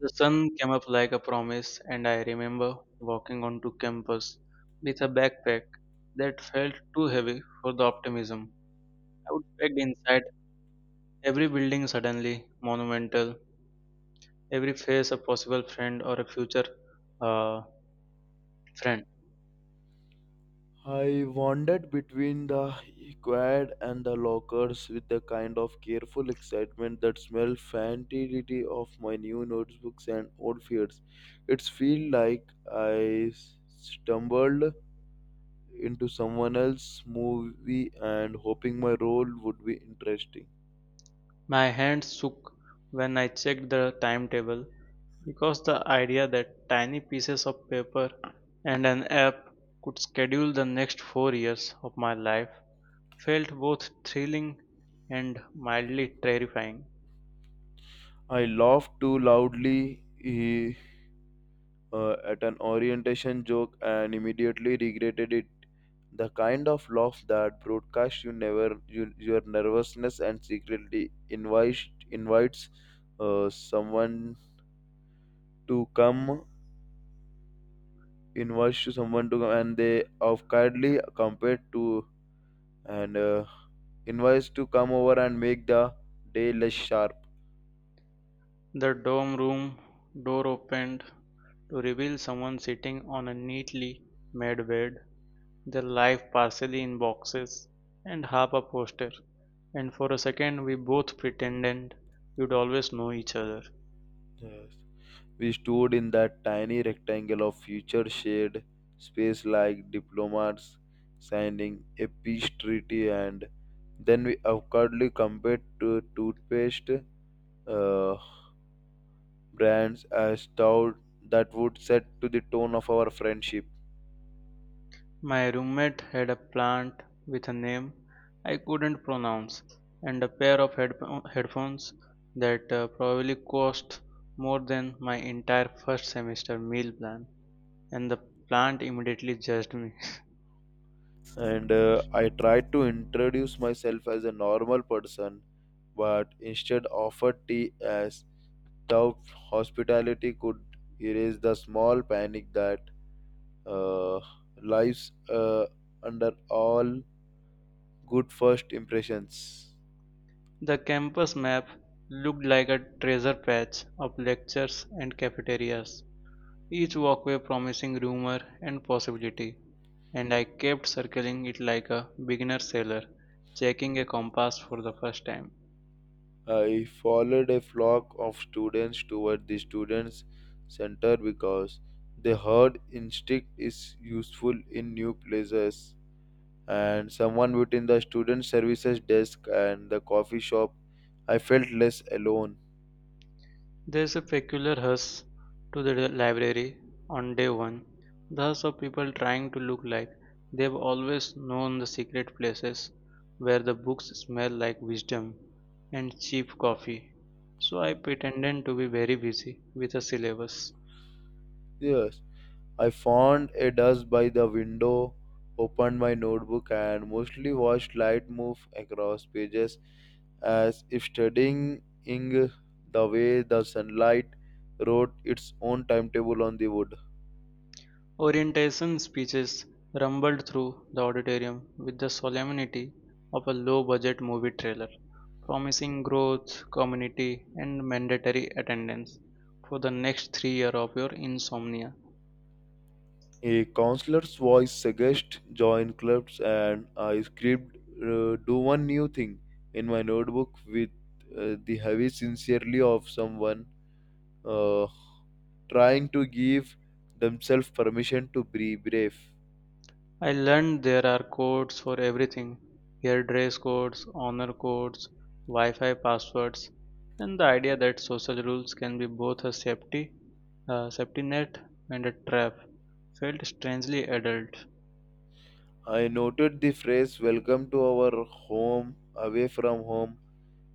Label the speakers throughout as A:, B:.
A: The sun came up like a promise, and I remember walking onto campus with a backpack that felt too heavy for the optimism. I would packed inside every building suddenly monumental, every face a possible friend or a future uh, friend.
B: I wandered between the quad and the lockers with a kind of careful excitement that smelled fantasy of my new notebooks and old fears. It felt like I stumbled into someone else's movie and hoping my role would be interesting.
A: My hands shook when I checked the timetable because the idea that tiny pieces of paper and an app could schedule the next 4 years of my life felt both thrilling and mildly terrifying.
B: I laughed too loudly at an orientation joke and immediately regretted it. The kind of laugh that broadcasts you never you, your nervousness and secretly invites invites someone to come and they of kindly compared to and invites to come over and make the day less sharp.
A: The dorm room door opened to reveal someone sitting on a neatly made bed, their life partially in boxes and half a poster. And for a second, we both pretended we'd always know each other.
B: Yes. We stood in that tiny rectangle of future shared space like diplomats signing a peace treaty, and then we awkwardly compared to toothpaste uh, brands as thought that would set to the tone of our friendship.
A: My roommate had a plant with a name I couldn't pronounce and a pair of headphones that probably cost more than my entire first semester meal plan. And the plant immediately judged me.
B: And I tried to introduce myself as a normal person, but instead offered tea as thought hospitality could erase the small panic that uh, lives under all good first impressions.
A: The campus map looked like a treasure patch of lectures and cafeterias, each walkway promising rumor and possibility, and I kept circling it like a beginner sailor, checking a compass for the first time.
B: I followed a flock of students toward the Students Center because the herd instinct is useful in new places. And someone within the student services desk and the coffee shop, I felt less alone.
A: There is a peculiar hush to the library on day one, the hush of people trying to look like they've always known the secret places where the books smell like wisdom and cheap coffee. So I pretended to be very busy with a syllabus.
B: Yes. I found a desk by the window, opened my notebook, and mostly watched light move across pages as if studying the way the sunlight wrote its own timetable on the wood.
A: Orientation speeches rumbled through the auditorium with the solemnity of a low-budget movie trailer, promising growth, community, and mandatory attendance for the next 3 years of your insomnia.
B: A counselor's voice suggested join clubs, and I scribbled do one new thing in my notebook with the heavy sincerely of someone uh, trying to give themselves permission to be brave.
A: I learned there are codes for everything here: dress codes, honor codes, Wi Fi passwords, and the idea that social rules can be both a safety net and a trap felt strangely adult.
B: I noted the phrase welcome to our home away from home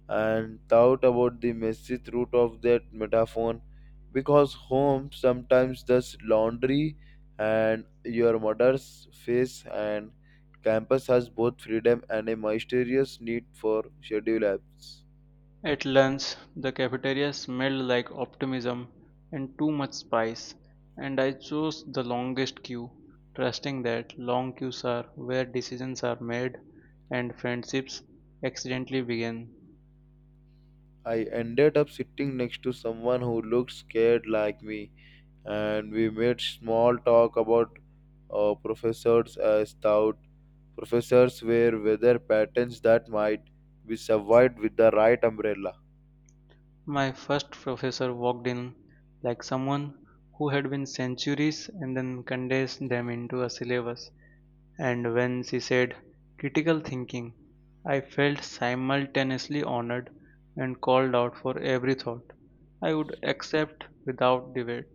B: and thought about the messy root of that metaphor because home sometimes does laundry and your mother's face and campus has both freedom and a mysterious need for schedule apps.
A: At lunch, the cafeteria smelled like optimism and too much spice, and I chose the longest queue, trusting that long queues are where decisions are made and friendships accidentally begin.
B: I ended up sitting next to someone who looked scared like me and we made small talk about professors as thought professors were weather patterns that might be survived with the right umbrella.
A: My first professor walked in like someone who had been centuries and then condensed them into a syllabus. And when she said critical thinking, I felt simultaneously honored and called out for every thought I would accept without debate.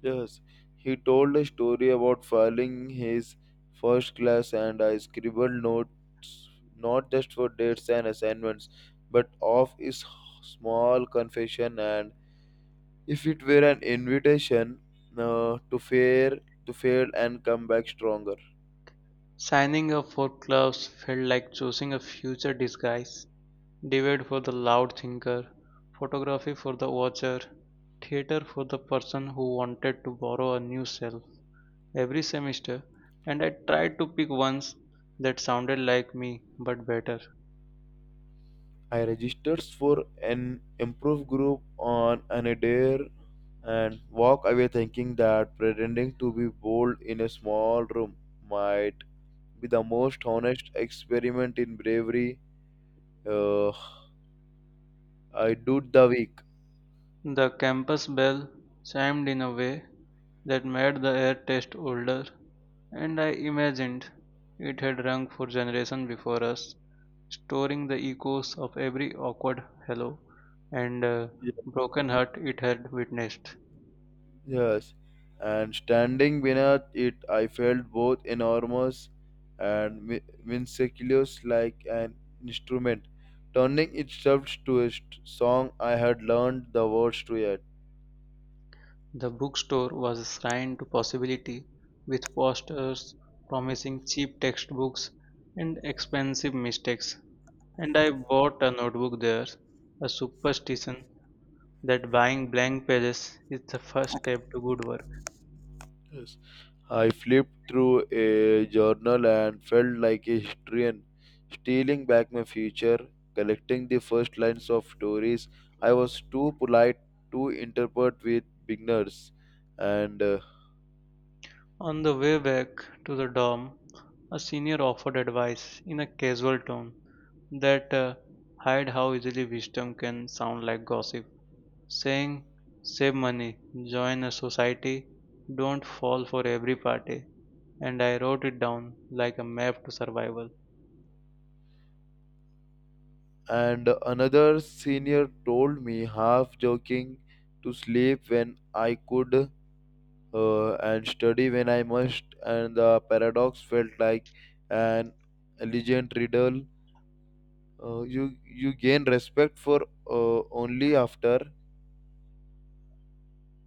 B: Yes, he told a story about failing his first class, and I scribbled notes not just for dates and assignments, but of his small confession. And if it were an invitation uh, to fail, to fail and come back stronger.
A: Signing up for clubs felt like choosing a future disguise. Debate for the loud thinker, photography for the watcher, theater for the person who wanted to borrow a new self. Every semester, and I tried to pick ones that sounded like me but better.
B: I registered for an improv group on an a dare and walk away thinking that pretending to be bold in a small room might be the most honest experiment in bravery uh, I did the week.
A: The campus bell chimed in a way that made the air taste older, and I imagined it had rung for generations before us, storing the echoes of every awkward hello and
B: Ye-
A: broken heart it had witnessed.
B: Yes, and standing beneath it, I felt both enormous and minuscule like an instrument, turning itself to a song I had learned the words to yet.
A: The bookstore was a shrine to possibility, with posters promising cheap textbooks and expensive mistakes, and I bought a notebook there, a superstition that buying blank pages is the first step to good work.
B: Yes. I flipped through a journal and felt like a historian, stealing back my future, collecting the first lines of stories. I was too polite to interpret with beginners, and uh,
A: On the way back to the dorm, a senior offered advice in a casual tone that hide how easily wisdom can sound like gossip, saying, "Save money, join a society, don't fall for every party." And I wrote it down like a map to survival.
B: and another senior told me, half joking, to sleep when I could and study when I must, and the paradox felt like an elegant riddle , you gain respect for only after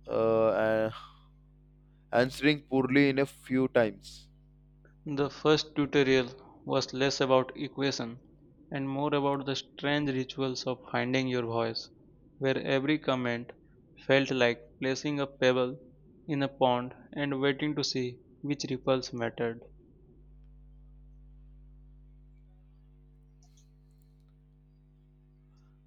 B: uh, a- answering poorly in a few times.
A: The first tutorial was less about equation and more about the strange rituals of finding your voice, where every comment felt like placing a pebble in a pond and waiting to see which ripples mattered.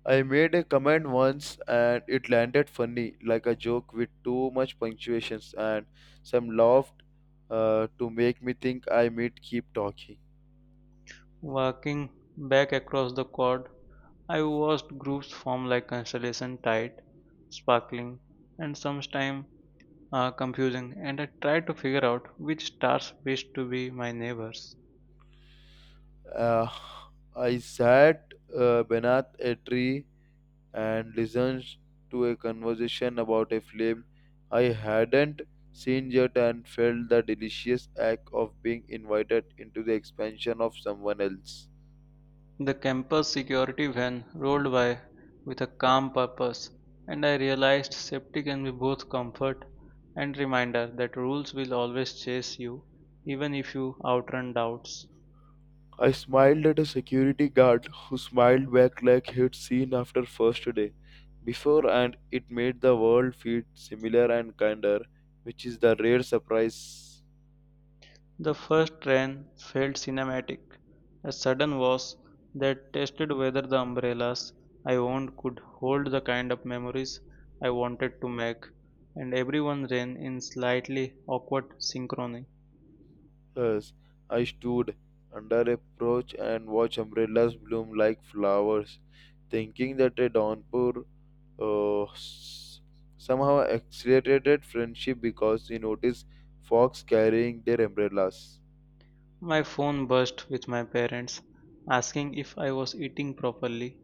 B: I made a comment once and it landed funny, like a joke with too much punctuations, and some laughed to make me think I might keep talking.
A: Walking back across the quad, I watched groups form like constellation tight, sparkling, and sometimes confusing, and I tried to figure out which stars wished to be my neighbors.
B: Uh, I sat beneath a tree and listened to a conversation about a film I hadn't seen yet and felt the delicious act of being invited into the expansion of someone else.
A: The campus security van rolled by with a calm purpose, and I realized safety can be both comfort and reminder that rules will always chase you, even if you outrun doubts.
B: I smiled at a security guard who smiled back like he'd seen after first day. Before and it made the world feel similar and kinder, which is the rare surprise.
A: The first train felt cinematic. A sudden was that tested whether the umbrellas I owned could hold the kind of memories I wanted to make, and everyone ran in slightly awkward synchrony.
B: Thus, I stood under a porch and watched umbrellas bloom like flowers, thinking that a downpour uh, s- somehow accelerated friendship because he noticed fox carrying their umbrellas.
A: My phone buzzed with my parents asking if I was eating properly,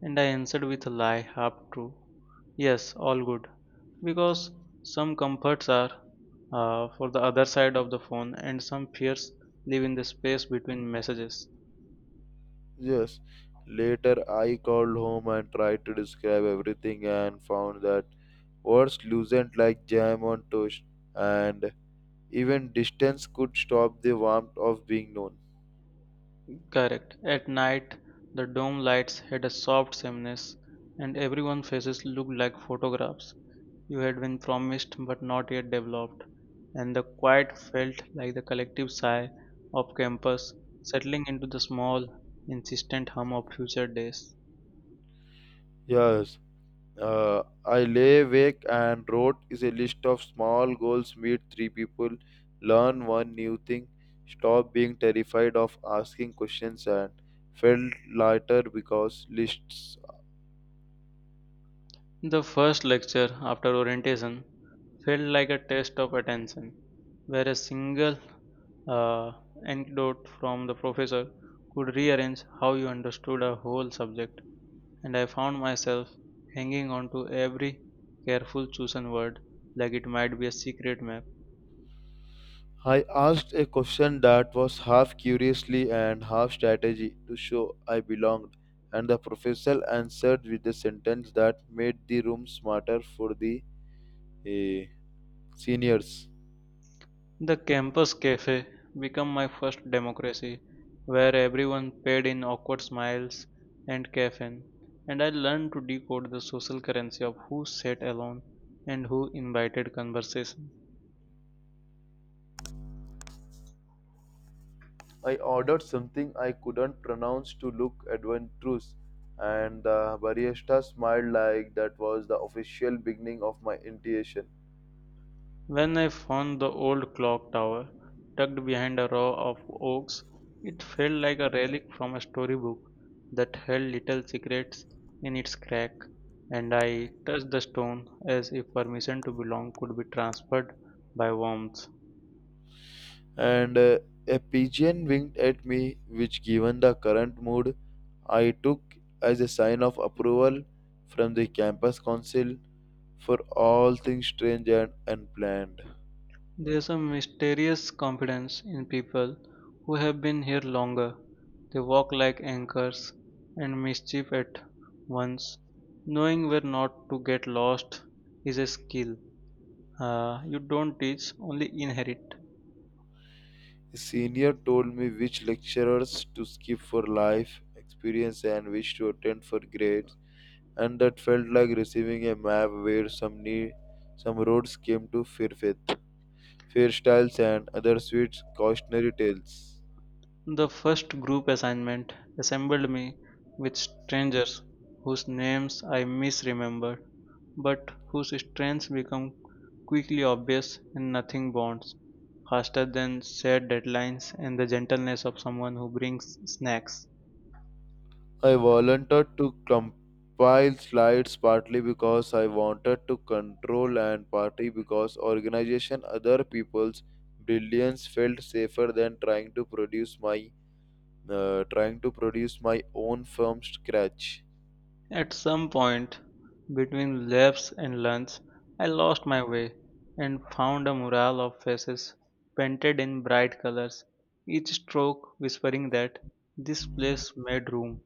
A: and I answered with a lie, half true. "Yes, all good." Because some comforts are for the other side of the phone, and some fears live in the space between messages.
B: Yes, later I called home and tried to describe everything and found that words loosened like jam on toast, and even distance could stop the warmth of being known.
A: Correct. At night, the dome lights had a soft sameness, and everyone's faces looked like photographs. You had been promised but not yet developed, and the quiet felt like the collective sigh of campus settling into the small, insistent hum of future days.
B: Yes, I lay awake and wrote is a list of small goals meet three people, learn one new thing, stop being terrified of asking questions, and felt lighter because lists.
A: The first lecture after orientation felt like a test of attention, where a single uh, anecdote from the professor could rearrange how you understood a whole subject. And I found myself hanging on to every careful chosen word like it might be a secret map.
B: I asked a question that was half curiously and half strategy to show I belonged, and the professor answered with a sentence that made the room smarter for the eh, seniors.
A: The campus cafe became my first democracy, where everyone paid in awkward smiles and caffeine, and I learned to decode the social currency of who sat alone and who invited conversation.
B: I ordered something I couldn't pronounce to look adventurous, and the barista smiled like that was the official beginning of my initiation.
A: When I found the old clock tower, tucked behind a row of oaks, it felt like a relic from a storybook that held little secrets in its crack, and I touched the stone as if permission to belong could be transferred by warmth.
B: And a pigeon winked at me, which, given the current mood, I took as a sign of approval from the campus council for all things strange and unplanned.
A: There's a mysterious confidence in people who have been here longer. They walk like anchors and mischief at once. Knowing where not to get lost is a skill you don't teach, only inherit.
B: A senior told me which lecturers to skip for life experience and which to attend for grades and that felt like receiving a map where some need, some roads came to Fairfaith, Fairstyles, and other sweet cautionary tales.
A: The first group assignment assembled me with strangers whose names I misremembered, but whose strengths become quickly obvious, and nothing bonds faster than set deadlines and the gentleness of someone who brings snacks.
B: I volunteered to compile slides partly because I wanted to control and partly because organization other people's brilliance felt safer than trying to produce my trying to produce my own from scratch.
A: At some point between laps and lunch, I lost my way and found a mural of faces painted in bright colors, each stroke whispering that this place made room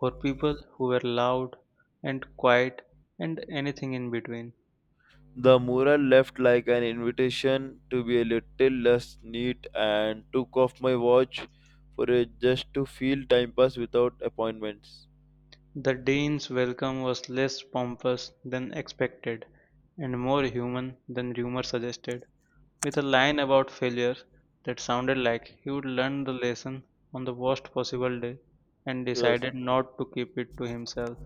A: for people who were loud and quiet and anything in between.
B: The mural left like an invitation to be a little less neat and took off my watch for a just to feel time pass without appointments.
A: The Danes' welcome was less pompous than expected, and more human than rumor suggested, with a line about failure that sounded like he'd learn the lesson on the worst possible day and
B: Yes.
A: decided not to keep it to himself.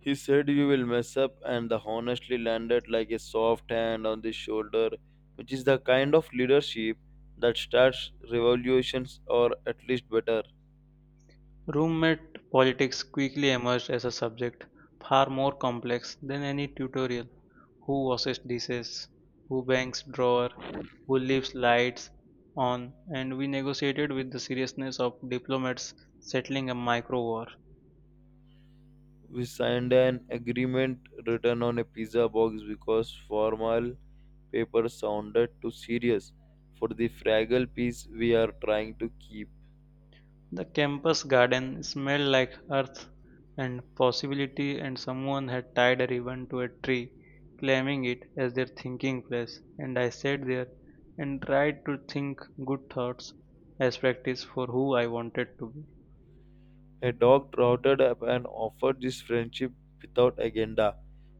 B: He said you will mess up and the honestly landed like a soft hand on the shoulder, which is the kind of leadership that starts revolutions or at least better.
A: Roommate politics quickly emerged as a subject far more complex than any tutorial: who washes dishes, who bangs drawer, who leaves lights on, and we negotiated with the seriousness of diplomats settling a micro war.
B: We signed an agreement written on a pizza box because formal paper sounded too serious for the fragile peace we are trying to keep.
A: The campus garden smelled like earth and possibility, and someone had tied a ribbon to a tree, claiming it as their thinking place. And I sat there and tried to think good thoughts as practice for who I wanted to be.
B: A dog trotted up and offered this friendship without agenda,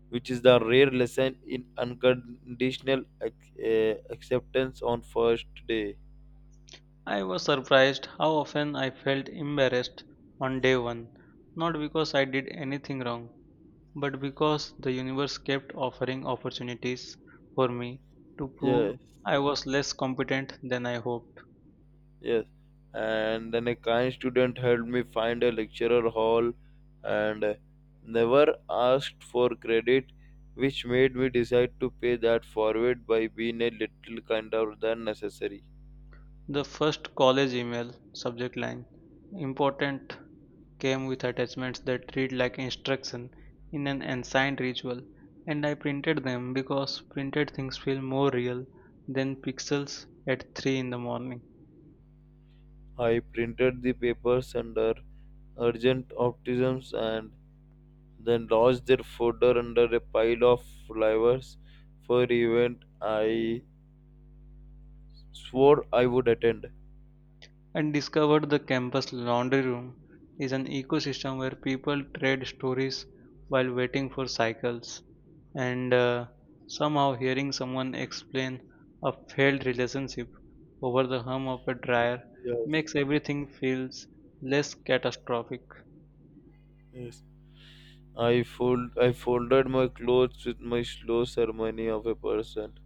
B: which is the rare lesson in unconditional acceptance on first day.
A: I was surprised how often I felt embarrassed on day one, not because I did anything wrong, but because the universe kept offering opportunities for me to
B: Yeah.
A: prove I was less competent than I hoped.
B: Yes, and then a kind student helped me find a lecturer hall and never asked for credit, which made me decide to pay that forward by being a little kinder than necessary.
A: The first college email subject line, "Important," came with attachments that read like instruction in an ancient ritual, and I printed them because printed things feel more real than pixels at 3 in the morning.
B: I printed the papers under urgent optimisms and then lodged their folder under a pile of flyers for event I swore I would attend.
A: And discovered the campus laundry room is an ecosystem where people trade stories while waiting for cycles. And somehow hearing someone explain a failed relationship over the hum of a dryer
B: Yes.
A: makes everything feels less catastrophic.
B: Yes. I folded my clothes with my slow ceremony of a person,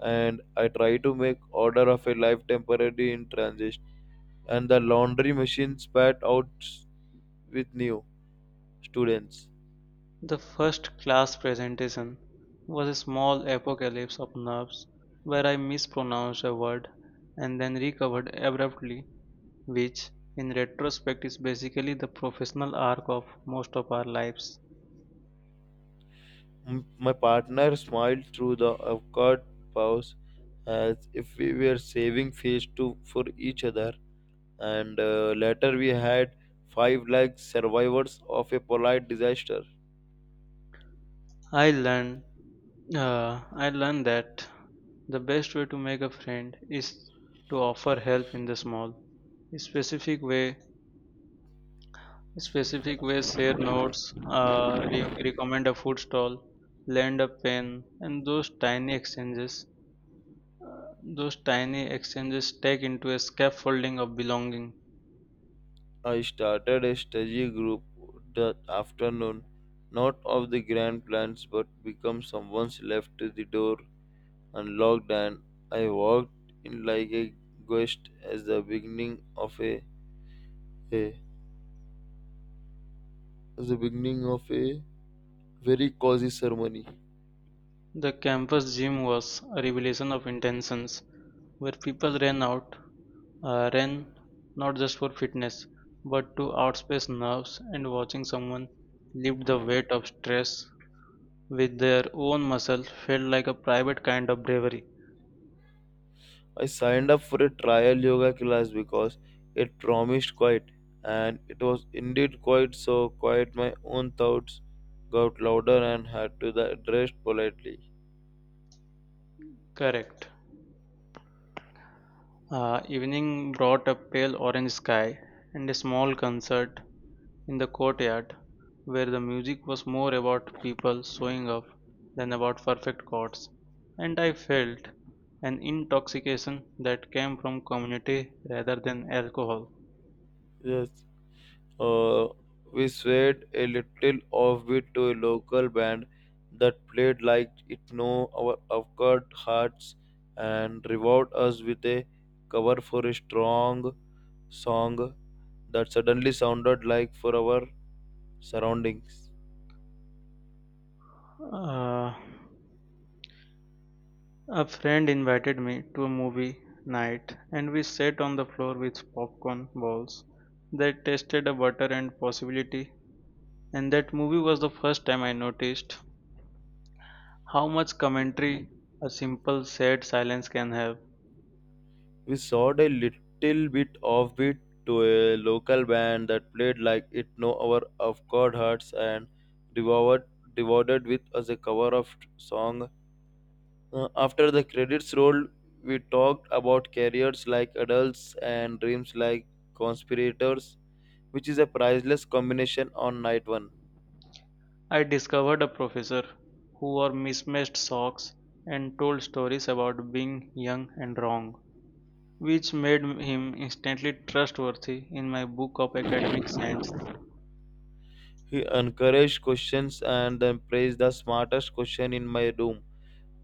B: and I try to make order of a life temporary in transit. And the laundry machine spat out with new students.
A: The first class presentation was a small apocalypse of nerves where I mispronounced a word and then recovered abruptly, which in retrospect is basically the professional arc of most of our lives.
B: My partner smiled through the awkward pause, as if we were saving face to for each other. And later we had five like survivors of a polite disaster.
A: I learned I learned that the best way to make a friend is to offer help in the small, specific way. Specific ways, share notes, recommend a food stall, lend a pen, and those tiny exchanges. Those tiny exchanges take into a scaffolding of belonging.
B: I started a study group that afternoon, not of the grand plans, but become someone's left the door unlocked, and I walked in like a guest as the beginning of a as the beginning of a very cozy ceremony.
A: The campus gym was a revelation of intentions, where people ran not just for fitness but to outspace nerves, and watching someone lift the weight of stress with their own muscle felt like a private kind of bravery.
B: I signed up for a trial yoga class because it promised quiet, and it was indeed quiet. So quiet, my own thoughts got louder and had to be addressed politely.
A: Correct. Evening brought a pale orange sky and a small concert in the courtyard, where the music was more about people showing up than about perfect chords, and I felt an intoxication that came from community rather than alcohol.
B: Yes, Uh, we swayed a little offbeat to a local band that played like it knew our awkward hearts and revived us with a cover for a strong song that suddenly sounded like for our surroundings.
A: Uh, a friend invited me to a movie night, and we sat on the floor with popcorn balls that tasted of butter and possibility. And that movie was the first time I noticed how much commentary a simple sad silence can have.
B: We soared a little bit offbeat to a local band that played like it knew our awkward hearts and devoured, devoured with us a cover of song. After the credits rolled, we talked about careers like adults and dreams like conspirators, which is a priceless combination on night one.
A: I discovered a professor who wore mismatched socks and told stories about being young and wrong, which made him instantly trustworthy in my book of academic science.
B: He encouraged questions and then praised the smartest question in my room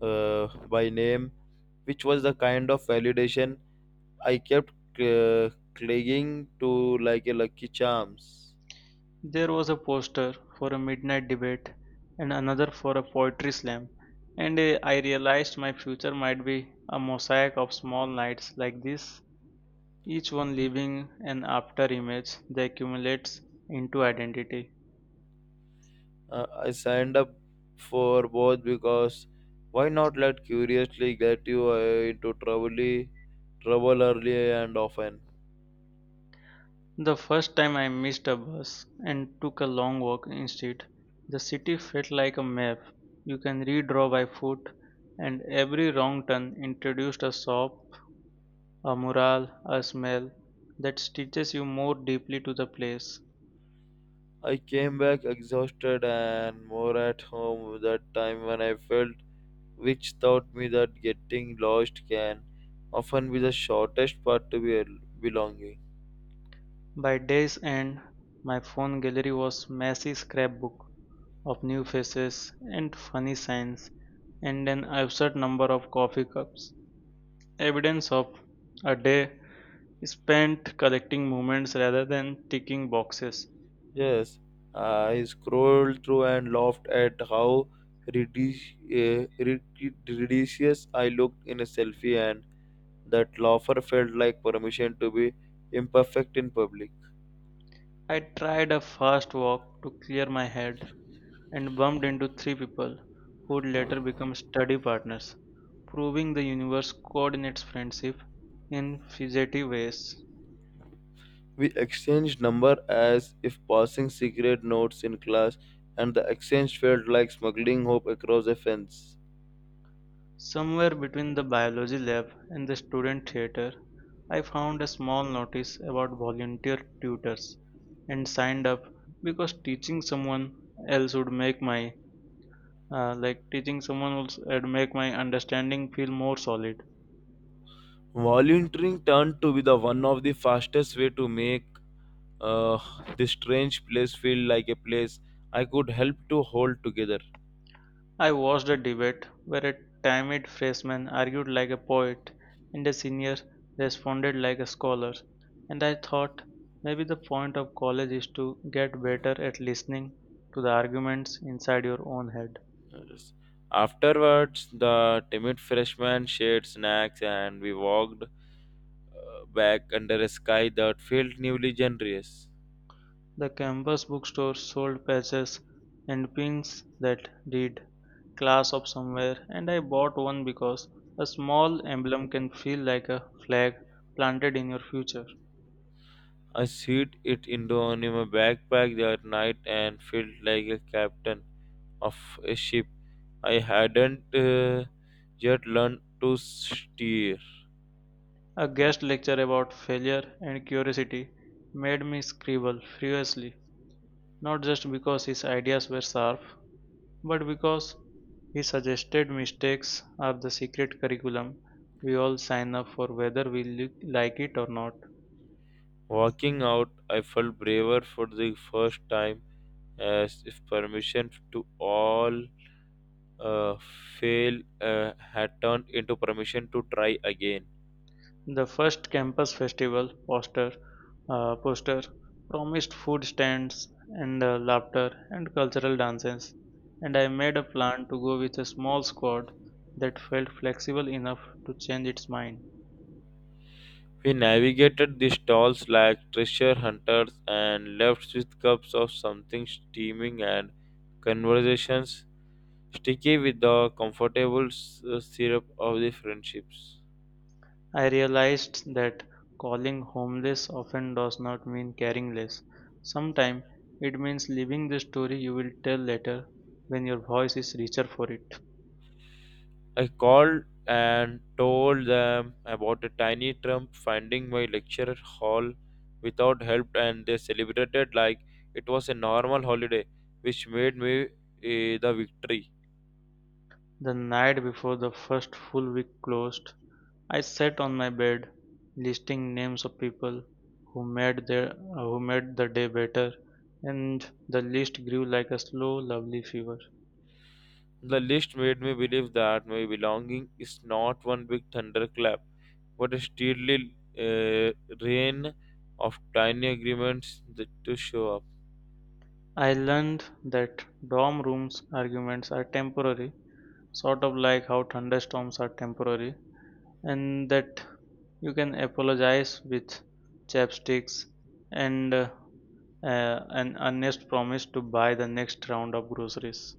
B: by name, which was the kind of validation I kept uh, clinging to like a lucky charms.
A: There was a poster for a midnight debate and another for a poetry slam, and I realized my future might be a mosaic of small nights like this, each one leaving an after image that accumulates into identity.
B: I signed up for both because why not let curiously get you into trouble early and often.
A: The first time I missed a bus and took a long walk instead, the city felt like a map you can redraw by foot, and every wrong turn introduced a shop, a mural, a smell that stitches you more deeply to the place.
B: I came back exhausted and more at home that time when I felt, which taught me that getting lost can often be the shortest path to be belonging.
A: By day's end, my phone gallery was messy scrapbook of new faces and funny signs and an absurd number of coffee cups, evidence of a day spent collecting moments rather than ticking boxes.
B: Yes, I scrolled through and laughed at how ridiculous I looked in a selfie and that Laufer felt like permission to be imperfect in public.
A: I tried a fast walk to clear my head and bumped into three people who would later become study partners, proving the universe coordinates friendship in figurative ways.
B: We exchanged number as if passing secret notes in class, and the exchange felt like smuggling hope across a fence.
A: Somewhere between the biology lab and the student theater, I found a small notice about volunteer tutors and signed up because else would make my teaching someone else would make my understanding feel more solid.
B: Volunteering turned to be the one of the fastest way to make uh, this strange place feel like a place I could help to hold together.
A: I watched a debate where a timid freshman argued like a poet and a senior responded like a scholar. And I thought maybe the point of college is to get better at listening to the arguments inside your own head.
B: Yes. Afterwards, the timid freshmen shared snacks and we walked back under a sky that felt newly generous.
A: The campus bookstore sold patches and pins that read "Class of Somewhere," and I bought one because a small emblem can feel like a flag planted in your future.
B: I slid it into only my backpack that night and felt like a captain of a ship I hadn't yet learned to steer.
A: A guest lecture about failure and curiosity made me scribble furiously, not just because his ideas were sharp, but because he suggested mistakes are the secret curriculum we all sign up for whether we like it or not.
B: Walking out, I felt braver for the first time, as if permission to all uh, fail had turned into permission to try again.
A: The first campus festival poster promised food stands and laughter and cultural dances, and I made a plan to go with a small squad that felt flexible enough to change its mind.
B: We navigated the stalls like treasure hunters and left with cups of something steaming and conversations sticky with the comfortable syrup of the friendships.
A: I realized that calling homeless often does not mean caring less. Sometimes it means living the story you will tell later when your voice is richer for it.
B: I called and told them about a tiny trump finding my lecture hall without help, and they celebrated like it was a normal holiday, which made me the victory.
A: The night before the first full week closed, I sat on my bed, listing names of people who made their who made the day better, and the list grew like a slow, lovely fever.
B: The list made me believe that my belonging is not one big thunderclap, but a steady rain of tiny agreements that to show up.
A: I learned that dorm rooms arguments are temporary, sort of like how thunderstorms are temporary, and that you can apologize with chapsticks and an honest promise to buy the next round of groceries.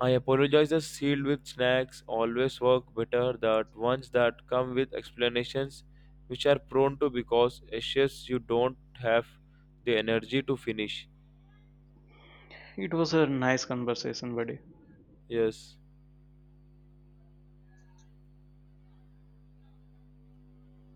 B: I apologize. The sealed with snacks always work better than ones that come with explanations, which are prone to because ashes you don't have the energy to finish.
A: It was a nice conversation, buddy.
B: Yes.